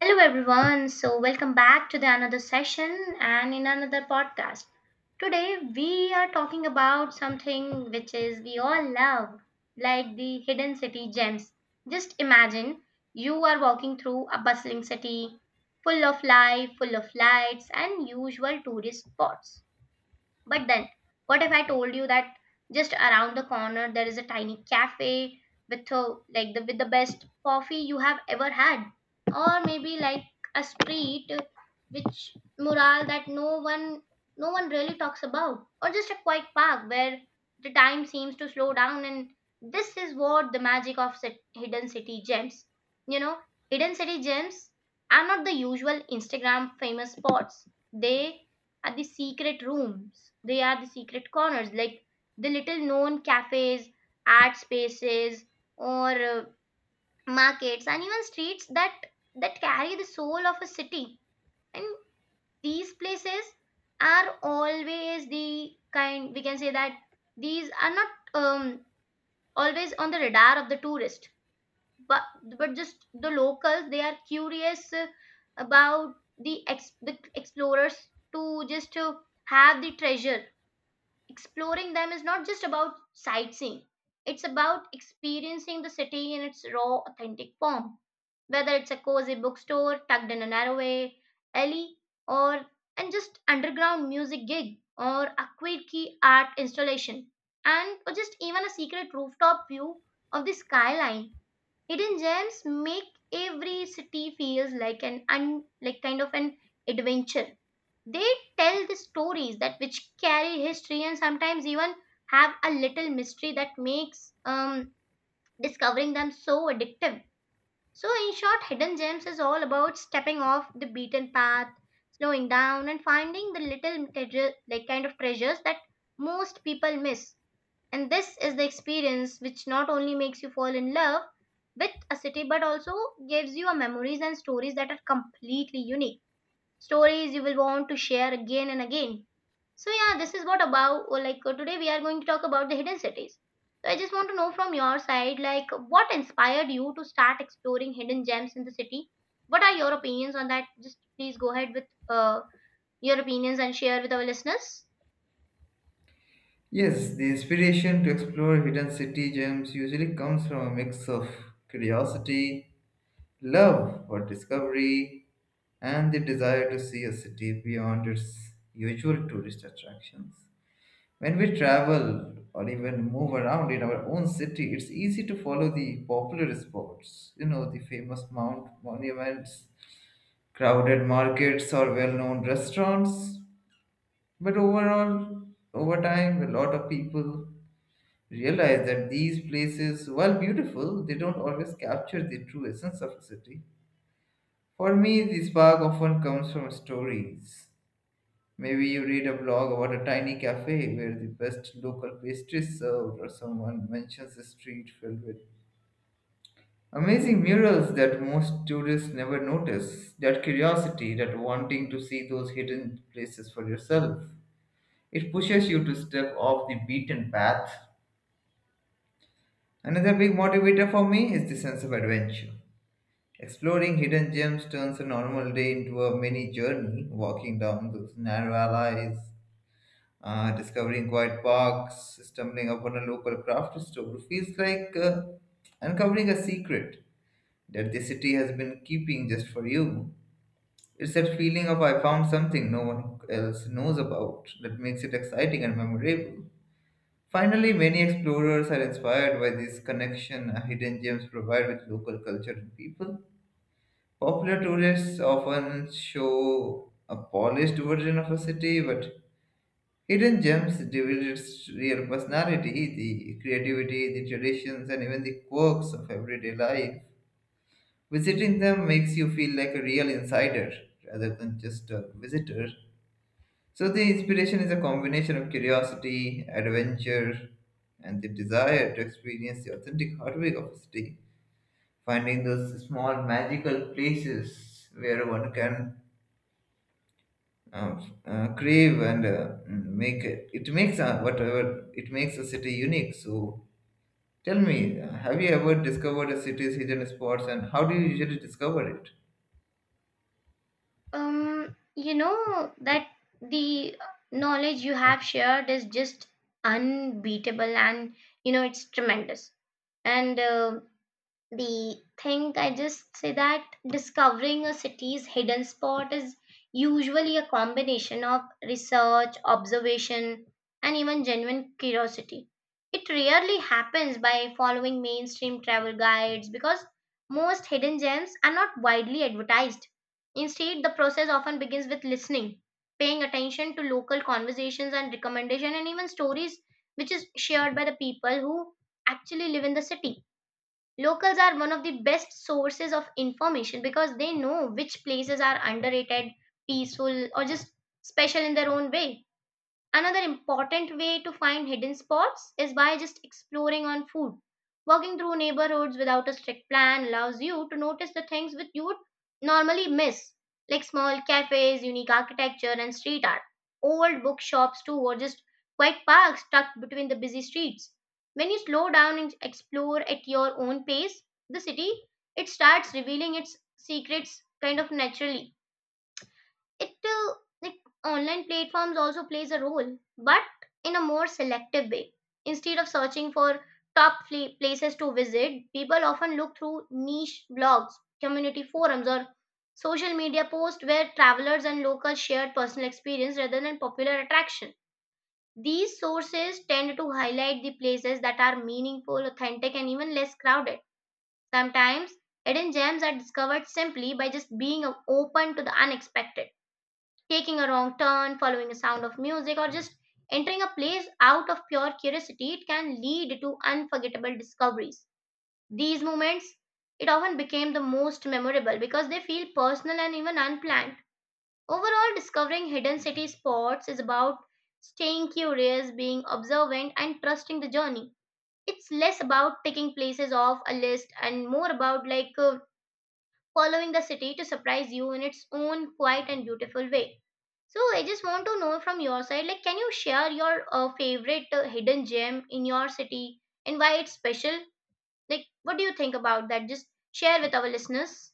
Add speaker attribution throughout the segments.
Speaker 1: Hello everyone. So welcome back to the another session and in another podcast. Today we are talking about something which is we all love, like the hidden city gems. Just imagine you are walking through a bustling city full of life, full of lights and usual tourist spots. But then, what if I told you that just around the corner there is a tiny cafe with a, like the with the best coffee you have ever had, or maybe like a street which mural that no one really talks about, or just a quiet park where the time seems to slow down. And this is what the magic of hidden city gems. You know, hidden city gems are not the usual Instagram famous spots. They are the secret rooms. They are the secret corners, like the little known cafes, art spaces, or markets, and even streets that carry the soul of a city. And these places are always the kind we can say that these are not always on the radar of the tourist, but just the locals. They are curious about the the explorers to just to have the treasure. Exploring them is not just about sightseeing. It's about experiencing the city in its raw, authentic form. Whether it's a cozy bookstore tucked in a narrow way, alley, or and just underground music gig, or a quirky art installation, and or just even a secret rooftop view of the skyline, hidden gems make every city feels like like kind of an adventure. They tell the stories that which carry history and sometimes even have a little mystery that makes discovering them so addictive. So in short, hidden gems is all about stepping off the beaten path, slowing down and finding the little treasure, kind of treasures that most people miss, and this is the experience which not only makes you fall in love with a city but also gives you a memories and stories that are completely unique, stories you will want to share again and again. So yeah, this is what about or like today we are going to talk about the hidden cities. So I just want to know from your side, like what inspired you to start exploring hidden gems in the city? What are your opinions on that? Just please go ahead with uh, your opinions and share with our listeners.
Speaker 2: Yes, the inspiration to explore hidden city gems usually comes from a mix of curiosity, love for discovery, and the desire to see a city beyond its usual tourist attractions. When we travel or even move around in our own city, it's easy to follow the popular spots, you know, the famous mount monuments, crowded markets, or well known restaurants. But overall, over time, a lot of people realize that these places, while beautiful, they don't always capture the true essence of a city. For me, the spark often comes from stories. Maybe you read a blog about a tiny cafe where the best local pastry is served, or someone mentions a street filled with amazing murals that most tourists never notice. That curiosity, that wanting to see those hidden places for yourself, it pushes you to step off the beaten path. Another big motivator for me is the sense of adventure. Exploring hidden gems turns a normal day into a mini journey, walking down those narrow alleys, discovering quiet parks, stumbling upon a local craft store feels like uncovering a secret that the city has been keeping just for you. It's that feeling of I found something no one else knows about that makes it exciting and memorable. Finally, many explorers are inspired by this connection hidden gems provide with local culture and people. Popular tourists often show a polished version of a city, but hidden gems reveal its real personality, the creativity, the traditions, and even the quirks of everyday life. Visiting them makes you feel like a real insider rather than just a visitor. So, the inspiration is a combination of curiosity, adventure, and the desire to experience the authentic heartbeat of a city. Finding those small magical places where one can uh, crave and make it, it makes whatever it makes a city unique. So tell me, have you ever discovered a city's hidden spots and how do you usually discover it?
Speaker 1: You know that the knowledge you have shared is just unbeatable, and you know it's tremendous. And the thing I just say that discovering a city's hidden spot is usually a combination of research, observation and even genuine curiosity. It rarely happens by following mainstream travel guides because most hidden gems are not widely advertised. Instead, the process often begins with listening, paying attention to local conversations and recommendation and even stories which is shared by the people who actually live in the city. Locals are one of the best sources of information because they know which places are underrated, peaceful, or just special in their own way. Another important way to find hidden spots is by just exploring on food. Walking through neighborhoods without a strict plan allows you to notice the things that you would normally miss, like small cafes, unique architecture, and street art, old bookshops too, or just quiet parks tucked between the busy streets. When you slow down and explore at your own pace, the city, it starts revealing its secrets kind of naturally. It like online platforms also plays a role but in a more selective way. Instead of searching for places to visit, people often look through niche blogs, community forums or social media posts where travelers and locals share personal experience rather than popular attraction. These sources tend to highlight the places that are meaningful, authentic and even less crowded. Sometimes hidden gems are discovered simply by just being open to the unexpected. Taking a wrong turn, following a sound of music, or just entering a place out of pure curiosity, it can lead to unforgettable discoveries. These moments, it often became the most memorable because they feel personal and even unplanned. Overall, discovering hidden city spots is about staying curious, being observant, and trusting the journey. It's less about ticking places off a list and more about like following the city to surprise you in its own quiet and beautiful way. So I just want to know from your side, like, can you share your favorite hidden gem in your city and why it's special? Like, what do you think about that? Just share with our listeners.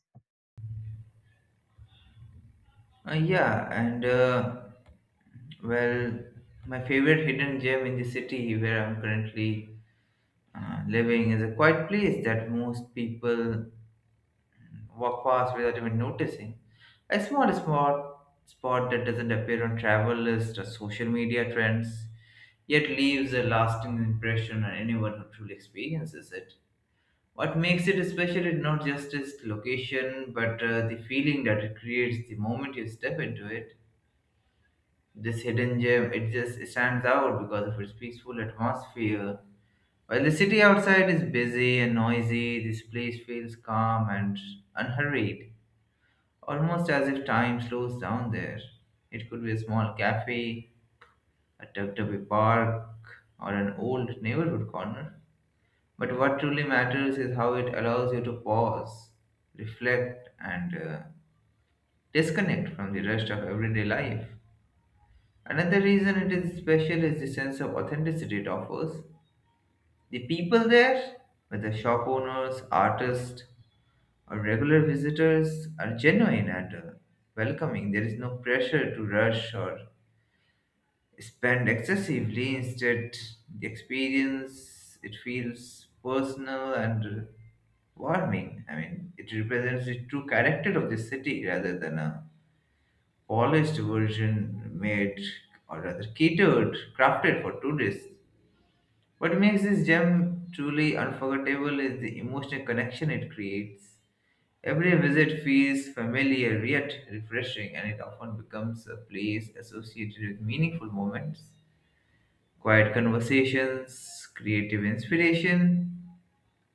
Speaker 2: Uh, yeah, and uh, well, my favorite hidden gem in the city where I'm currently living is a quiet place that most people walk past without even noticing. A small spot that doesn't appear on travel lists or social media trends, yet leaves a lasting impression on anyone who truly experiences it. What makes it special is not just its location, but the feeling that it creates the moment you step into it. This hidden gem, it just stands out because of its peaceful atmosphere. While the city outside is busy and noisy, this place feels calm and unhurried, almost as if time slows down there. It could be a small cafe, a Tubby park, or an old neighborhood corner. But what truly matters is how it allows you to pause, reflect, and disconnect from the rest of everyday life. Another reason it is special is the sense of authenticity it offers. The people there, whether shop owners, artists, or regular visitors, are genuine and welcoming. There is no pressure to rush or spend excessively. Instead, the experience it feels personal and warming. I mean, it represents the true character of the city rather than a polished version made or rather catered, crafted for tourists. What makes this gem truly unforgettable is the emotional connection it creates. Every visit feels familiar yet refreshing, and it often becomes a place associated with meaningful moments. Quiet conversations, creative inspiration,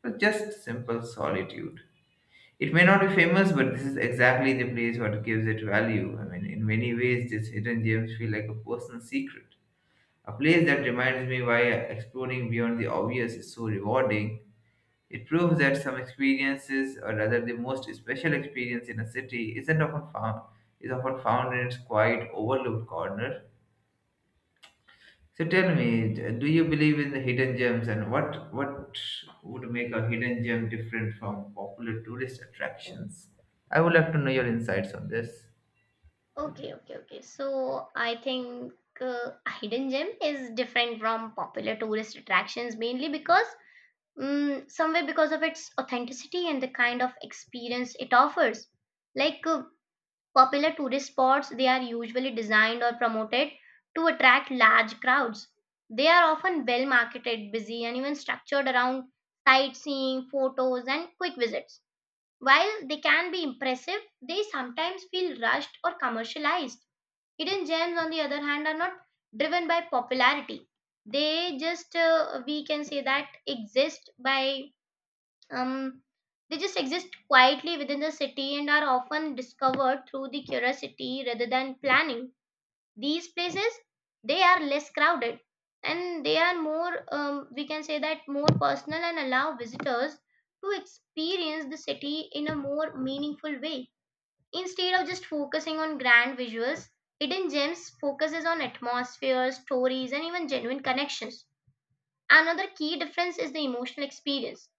Speaker 2: or just simple solitude. It may not be famous, but this is exactly the place what gives it value. I mean, in many ways, these hidden gems feel like a personal secret. A place that reminds me why exploring beyond the obvious is so rewarding. It proves that some experiences, or rather the most special experience in a city, isn't often found is often found in its quiet, overlooked corner. So tell me, do you believe in the hidden gems, and what would make a hidden gem different from popular tourist attractions? I would like to know your insights on this.
Speaker 1: Okay, okay, okay. So I think uh, hidden gem is different from popular tourist attractions mainly because somewhere because of its authenticity and the kind of experience it offers. Like popular tourist spots, they are usually designed or promoted to attract large crowds. They are often well marketed, busy, and even structured around sightseeing, photos, and quick visits. While they can be impressive, they sometimes feel rushed or commercialized. Hidden gems, on the other hand, are not driven by popularity. They just, we can say that, exist by um, they just exist quietly within the city and are often discovered through the curiosity rather than planning. These places, they are less crowded and they are more we can say that more personal and allow visitors to experience the city in a more meaningful way. Instead of just focusing on grand visuals, hidden gems focuses on atmosphere, stories and even genuine connections. Another key difference is the emotional experience.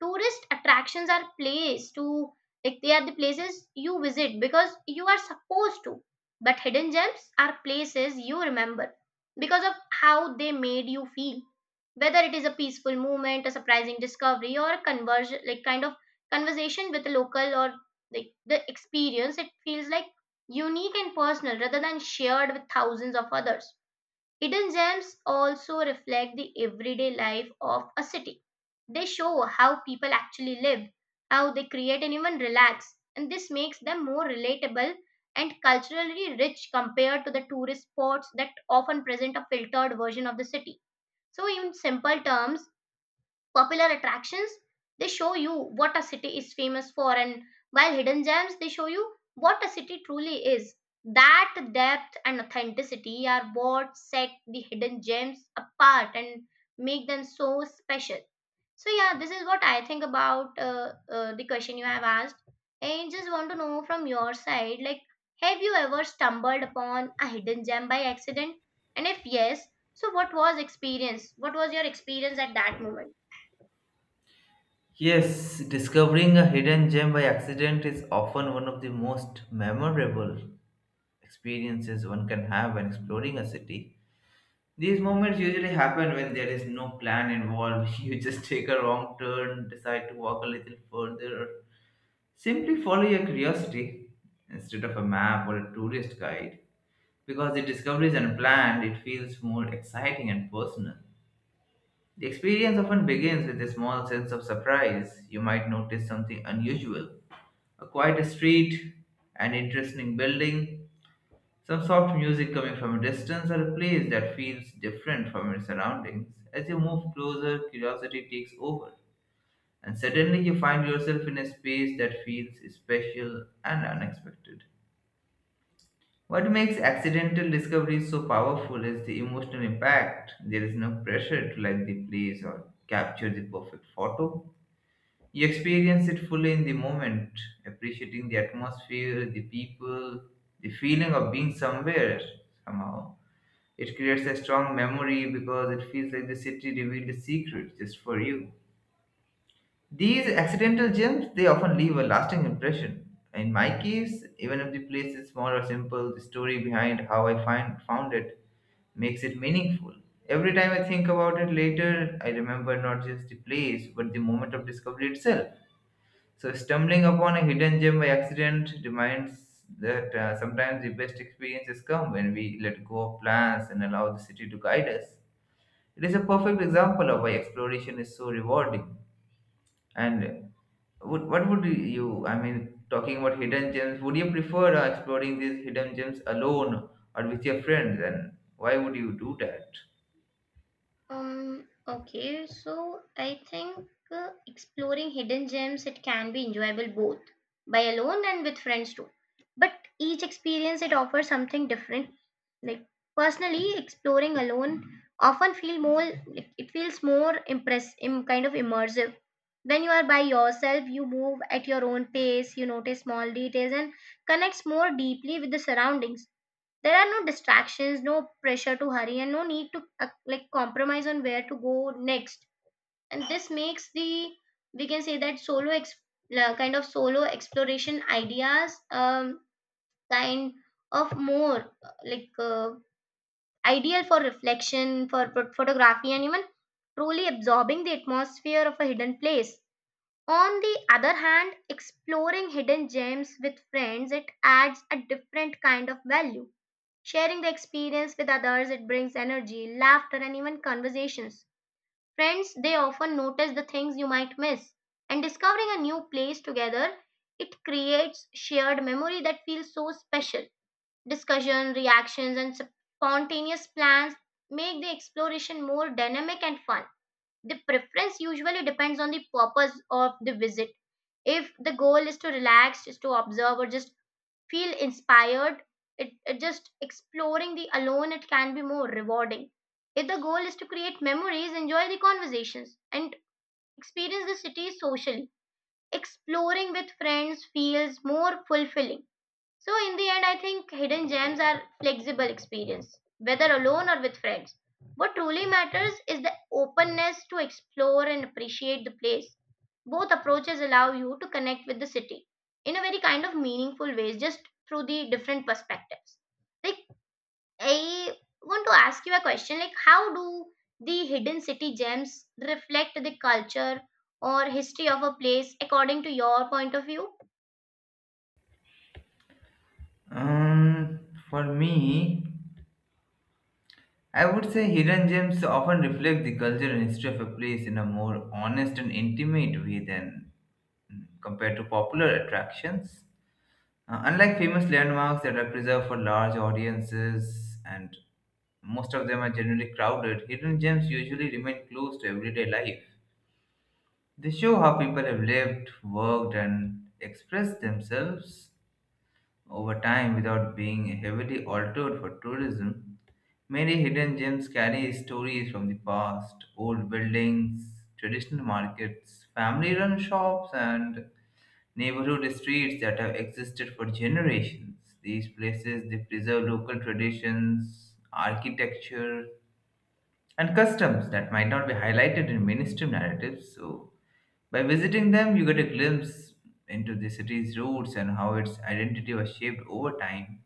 Speaker 1: Tourist attractions are place to like they are the places you visit because you are supposed to. But hidden gems are places you remember because of how they made you feel. Whether it is a peaceful moment, a surprising discovery, or a conversion, kind of conversation with a local or like the experience, it feels like unique and personal rather than shared with thousands of others. Hidden gems also reflect the everyday life of a city. They show how people actually live, how they create and even relax, and this makes them more relatable and culturally rich compared to the tourist spots that often present a filtered version of the city. So, in simple terms, popular attractions they show you what a city is famous for, and while hidden gems they show you what a city truly is. That depth and authenticity are what set the hidden gems apart and make them so special. So yeah, this is what I think about the question you have asked, and just want to know from your side, like have you ever stumbled upon a hidden gem by accident, and if yes, so what was experience, what was your experience at that moment?
Speaker 2: Yes, discovering a hidden gem by accident is often one of the most memorable experiences one can have when exploring a city. These moments usually happen when there is no plan involved. You just take a wrong turn, decide to walk a little further, simply follow your curiosity instead of a map or a tourist guide because the discovery is unplanned, it feels more exciting and personal. The experience often begins with a small sense of surprise. You might notice something unusual, a quiet street, an interesting building, some soft music coming from a distance, or a place that feels different from its surroundings. As you move closer, curiosity takes over, and suddenly you find yourself in a space that feels special and unexpected. What makes accidental discoveries so powerful is the emotional impact. There is no pressure to like the place or capture the perfect photo. You experience it fully in the moment, appreciating the atmosphere, the people, the feeling of being somewhere somehow. It creates a strong memory because it feels like the city revealed a secret just for you. These accidental gems, they often leave a lasting impression. In my case, even if the place is small or simple, the story behind how I find found it makes it meaningful. Every time I think about it later, I remember not just the place, but the moment of discovery itself. So stumbling upon a hidden gem by accident reminds that sometimes the best experiences come when we let go of plans and allow the city to guide us. It is a perfect example of why exploration is so rewarding. And what would you, I mean, talking about hidden gems, would you prefer exploring these hidden gems alone or with your friends? And why would you do that?
Speaker 1: Okay, so I think exploring hidden gems it can be enjoyable both by alone and with friends too. But each experience it offers something different. Like personally, exploring alone often feel more like, it feels more kind of immersive. When you are by yourself, you move at your own pace, you notice small details and connects more deeply with the surroundings. There are no distractions, no pressure to hurry and no need to like compromise on where to go next, and this makes the we can say that kind of solo exploration ideas kind of more like ideal for reflection, for photography and even truly absorbing the atmosphere of a hidden place. On the other hand, exploring hidden gems with friends it adds a different kind of value. Sharing the experience with others, it brings energy, laughter, and even conversations. Friends, they often notice the things you might miss. And discovering a new place together, it creates shared memory that feels so special. Discussion, reactions, and spontaneous plans make the exploration more dynamic and fun. The preference usually depends on the purpose of the visit. If the goal is to relax, is to observe, or just feel inspired, it just exploring the alone it can be more rewarding. If the goal is to create memories, enjoy the conversations and experience the city socially, exploring with friends feels more fulfilling. So in the end, I think hidden gems are flexible experience, whether alone or with friends. What truly matters is the openness to explore and appreciate the place. Both approaches allow you to connect with the city in a very kind of meaningful ways, just through the different perspectives. Like I want to ask you a question: like how do the hidden city gems reflect the culture or history of a place according to your point of view?
Speaker 2: Um, for me, I would say hidden gems often reflect the culture and history of a place in a more honest and intimate way than compared to popular attractions. Unlike famous landmarks that are preserved for large audiences and most of them are generally crowded, hidden gems usually remain close to everyday life. They show how people have lived, worked, and expressed themselves over time without being heavily altered for tourism. Many hidden gems carry stories from the past, old buildings, traditional markets, family run shops, and neighborhood streets that have existed for generations. These places they preserve local traditions, architecture, and customs that might not be highlighted in mainstream narratives. So, by visiting them, you get a glimpse into the city's roots and how its identity was shaped over time.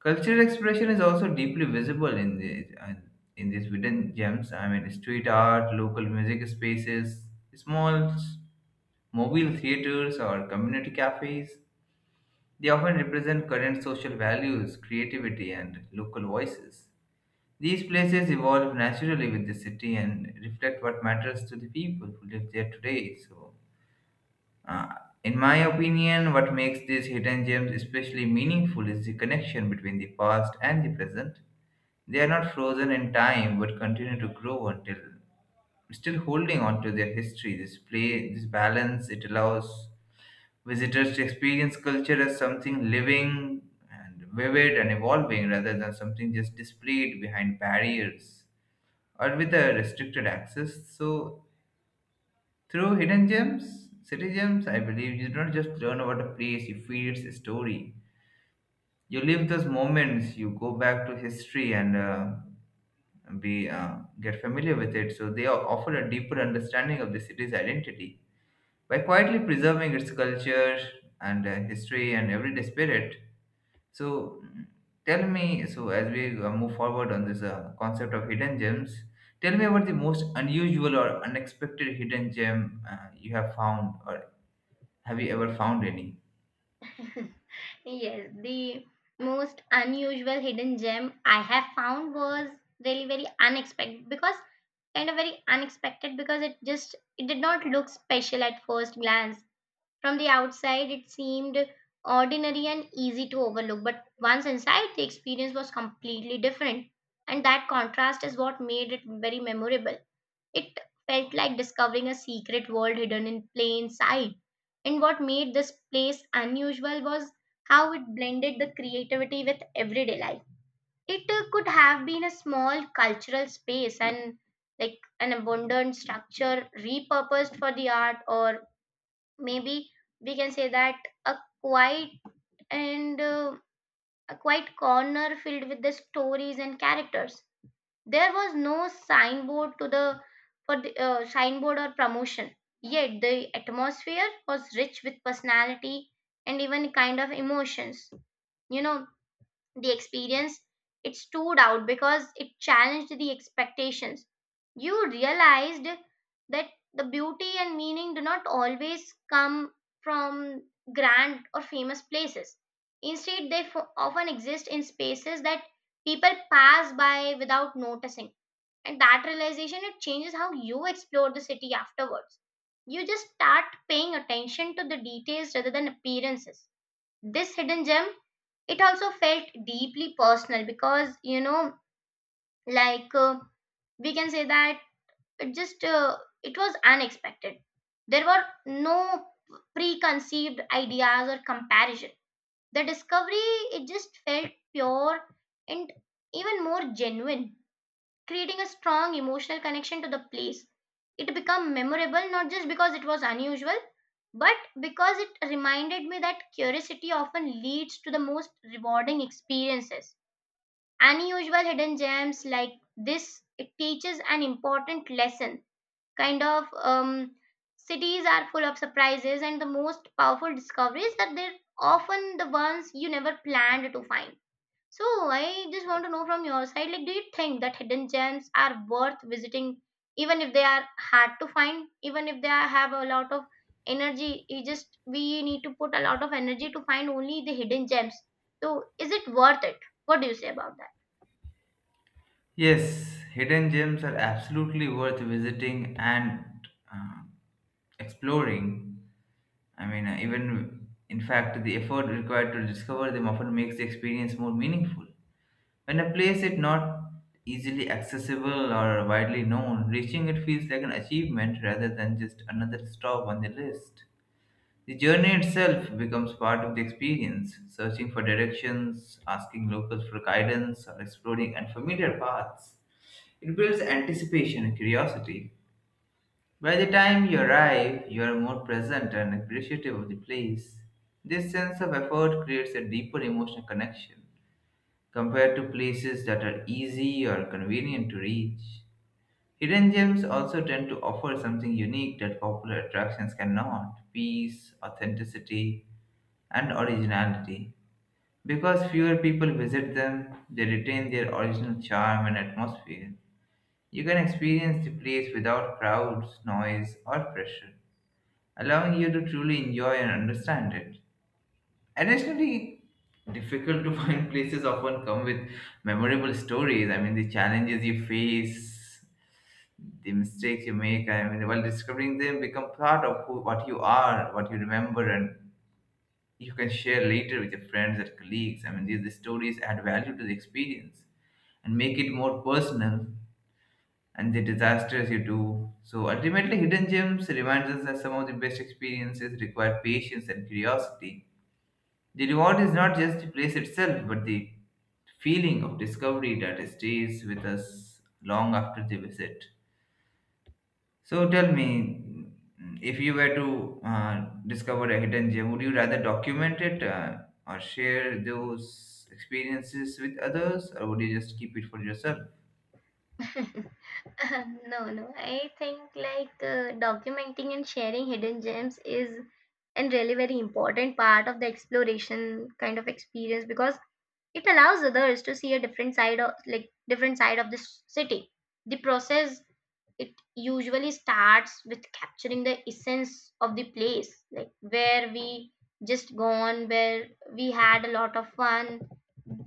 Speaker 2: Cultural expression is also deeply visible in the in these hidden gems. I mean, street art, local music spaces, small mobile theaters, or community cafes they often represent current social values, creativity, and local voices. These places evolve naturally with the city and reflect what matters to the people who live there today. So, uh, in my opinion, what makes these hidden gems especially meaningful is the connection between the past and the present. They are not frozen in time but continue to grow until still holding on to their history. This play, this balance, it allows visitors experience culture as something living and vivid and evolving rather than something just displayed behind barriers or with a restricted access. So, through hidden gems, city gems, I believe you don't just learn about a place, you feel its story. You live those moments, you go back to history and be get familiar with it. So, they offer a deeper understanding of the city's identity by quietly preserving its culture and history and everyday spirit. So tell me, so as we move forward on this concept of hidden gems, tell me about the most unusual or unexpected hidden gem you have found, or have you ever found any?
Speaker 1: Yes, the most unusual hidden gem I have found was really very unexpected because kind of very unexpected because it did not look special at first glance. From the outside, it seemed ordinary and easy to overlook, but once inside, the experience was completely different, and that contrast is what made it very memorable. It felt like discovering a secret world hidden in plain sight. And what made this place unusual was how it blended the creativity with everyday life. It could have been a small cultural space and like an abundant structure repurposed for the art, or maybe we can say that a quiet and a quiet corner filled with the stories and characters. There was no signboard to the for the, signboard or promotion. Yet the atmosphere was rich with personality and even kind of emotions. You know, the experience it stood out because it challenged the expectations. You realized that the beauty and meaning do not always come from grand or famous places. Instead, they often exist in spaces that people pass by without noticing, and that realization it changes how you explore the city afterwards. You just start paying attention to the details rather than appearances. This hidden gem, it also felt deeply personal because like uh, we can say that it just uh, it was unexpected. There were no preconceived ideas or comparison. The discovery, it just felt pure and even more genuine, creating a strong emotional connection to the place. It became memorable not just because it was unusual, but because it reminded me that curiosity often leads to the most rewarding experiences. Unusual hidden gems like this, it teaches an important lesson. Kind of um, Cities are full of surprises, and the most powerful discoveries that they're often the ones you never planned to find. So I just want to know from your side, like, do you think that hidden gems are worth visiting, even if they are hard to find, even if they are, have a lot of energy? You just we need to put a lot of energy to find only the hidden gems. So is it worth it? What do you say about that?
Speaker 2: Yes, hidden gems are absolutely worth visiting and uh, exploring. I mean, even in fact, the effort required to discover them often makes the experience more meaningful. When a place is not easily accessible or widely known, reaching it feels like an achievement rather than just another stop on the list. The journey itself becomes part of the experience, searching for directions, asking locals for guidance, or exploring unfamiliar paths. It builds anticipation and curiosity. By the time you arrive, you are more present and appreciative of the place. This sense of effort creates a deeper emotional connection compared to places that are easy or convenient to reach. Hidden gems also tend to offer something unique that popular attractions cannot peace, authenticity, and originality. Because fewer people visit them, they retain their original charm and atmosphere. You can experience the place without crowds, noise, or pressure, allowing you to truly enjoy and understand it. Additionally, difficult to find places often come with memorable stories. I mean, the challenges you face, the mistakes you make. I mean, while discovering them, become part of what you are, what you remember, and you can share later with your friends and colleagues. I mean, these the stories add value to the experience and make it more personal. And the disasters you do. So ultimately, hidden gems reminds us that some of the best experiences require patience and curiosity the reward is not just the place itself, but the feeling of discovery that stays with us long after the visit. So tell me, if you were to discover a hidden gem, would you rather document it or share those experiences with others, or would you just keep it for yourself?
Speaker 1: No, no. I think like documenting and sharing hidden gems is and really very important part of the exploration kind of experience because it allows others to see a different side of, like, different side of this city. The process, it usually starts with capturing the essence of the place, like where we just gone, where we had a lot of fun.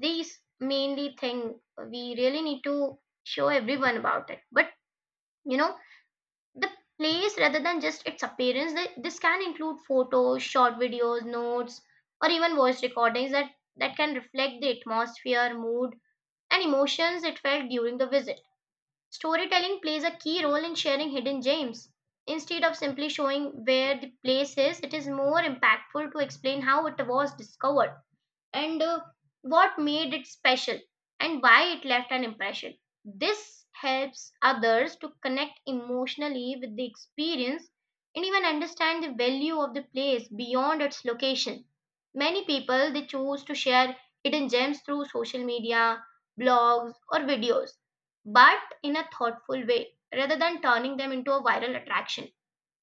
Speaker 1: These mainly thing we really need to show everyone about it. But you know, the place rather than just its appearance, this can include photos, short videos, notes, or even voice recordings that can reflect the atmosphere, mood, and emotions it felt during the visit. Storytelling plays a key role in sharing hidden gems. Instead of simply showing where the place is, it is more impactful to explain how it was discovered and what made it special and why it left an impression. This helps others to connect emotionally with the experience and even understand the value of the place beyond its location. Many people they choose to share hidden gems through social media, blogs or videos, but in a thoughtful way rather than turning them into a viral attraction.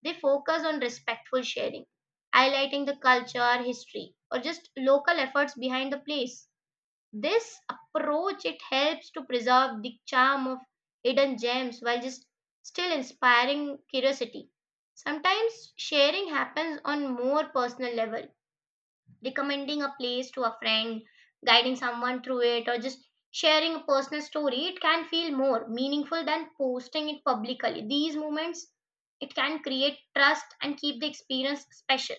Speaker 1: They focus on respectful sharing, highlighting the culture, history, or just local efforts behind the place. This approach, it helps to preserve the charm of hidden gems while just still inspiring curiosity. Sometimes sharing happens on more personal level, recommending a place to a friend, guiding someone through it, or just sharing a personal story, it can feel more meaningful than posting it publicly. These moments, it can create trust and keep the experience special.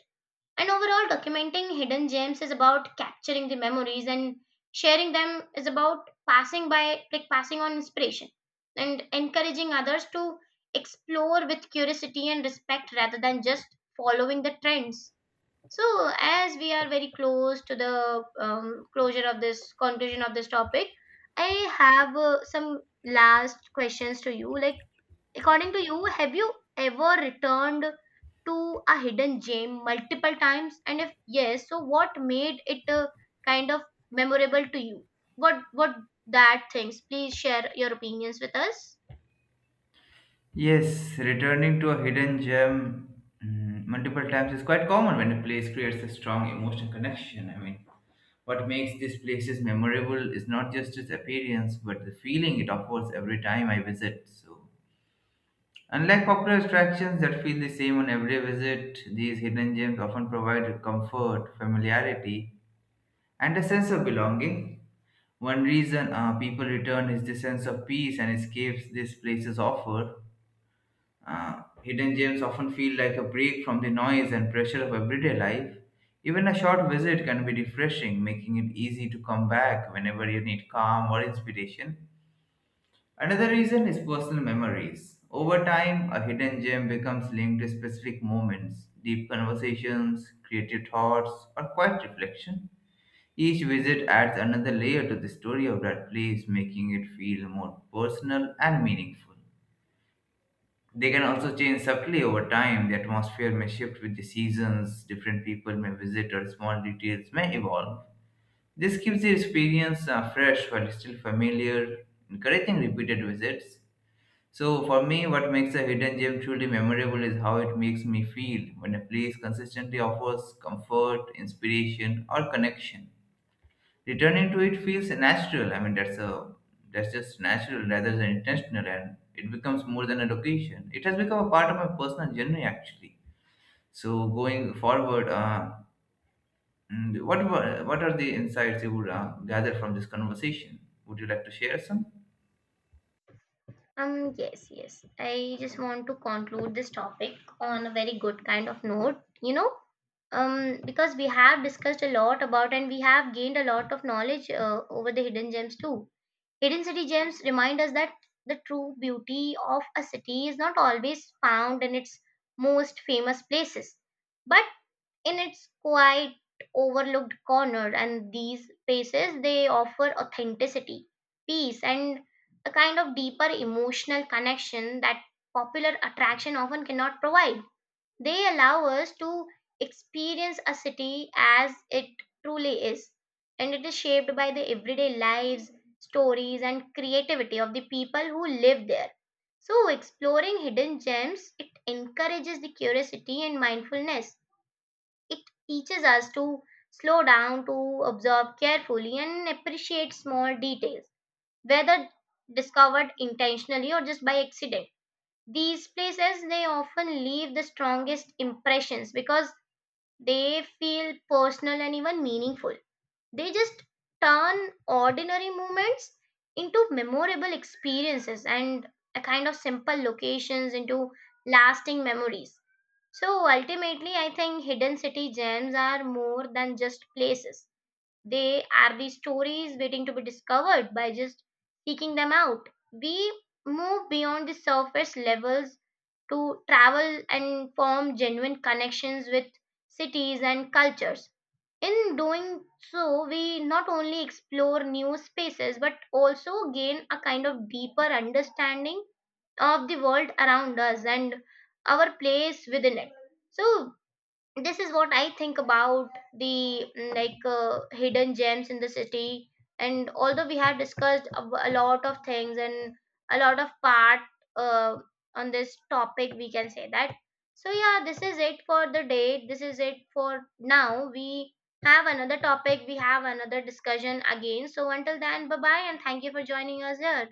Speaker 1: And overall, documenting hidden gems is about capturing the memories, and sharing them is about passing by, like passing on inspiration and encouraging others to explore with curiosity and respect rather than just following the trends. So, as we are very close to the closure of this conclusion of this topic, I have some last questions to you. Like, according to you, have you ever returned to a hidden gem multiple times? And if yes, so what made it kind of memorable to you? What that things? Please share your opinions with us.
Speaker 2: Yes, returning to a hidden gem multiple times is quite common when a place creates a strong emotional connection. I mean, what makes these places memorable is not just its appearance, but the feeling it offers every time I visit. So, unlike popular attractions that feel the same on every visit, these hidden gems often provide comfort, familiarity, and a sense of belonging. One reason people return is the sense of peace and escapes these places offer. Hidden gems often feel like a break from the noise and pressure of everyday life. Even a short visit can be refreshing, making it easy to come back whenever you need calm or inspiration. Another reason is personal memories. Over time, a hidden gem becomes linked to specific moments, deep conversations, creative thoughts, or quiet reflection. Each visit adds another layer to the story of that place, making it feel more personal and meaningful. They can also change subtly over time. The atmosphere may shift with the seasons, different people may visit, or small details may evolve. This keeps the experience fresh while still familiar, encouraging repeated visits. So, for me, what makes a hidden gem truly memorable is how it makes me feel when a place consistently offers comfort, inspiration, or connection returning to it feels natural. I mean, that's just natural rather than intentional, and it becomes more than a location. It has become a part of my personal journey, actually. So going forward, what are the insights you would gather from this conversation? Would you like to share some?
Speaker 1: Yes, yes. I just want to conclude this topic on a very good kind of note, you know, because we have discussed a lot about and we have gained a lot of knowledge over the hidden gems too. Hidden city gems remind us that the true beauty of a city is not always found in its most famous places, but in its quiet overlooked corner, and these spaces they offer authenticity, peace, and a kind of deeper emotional connection that popular attraction often cannot provide. They allow us to experience a city as it truly is, and it is shaped by the everyday lives, stories and creativity of the people who live there. So exploring hidden gems, it encourages the curiosity and mindfulness. It teaches us to slow down, to observe carefully, and appreciate small details, whether discovered intentionally or just by accident. These places they often leave the strongest impressions because they feel personal and even meaningful. They just turn ordinary moments into memorable experiences, and a kind of simple locations into lasting memories. So ultimately, I think hidden city gems are more than just places. They are the stories waiting to be discovered. By just seeking them out, we move beyond the surface levels to travel and form genuine connections with cities and cultures. In doing so, we not only explore new spaces but also gain a kind of deeper understanding of the world around us and our place within it. So, this is what I think about the hidden gems in the city, and although we have discussed a lot of things and a lot of part uh, on this topic, we can say that, so yeah, this is it for the day, this is it for now. We have another topic, we have another discussion again, so until then, bye bye and thank you for joining us here.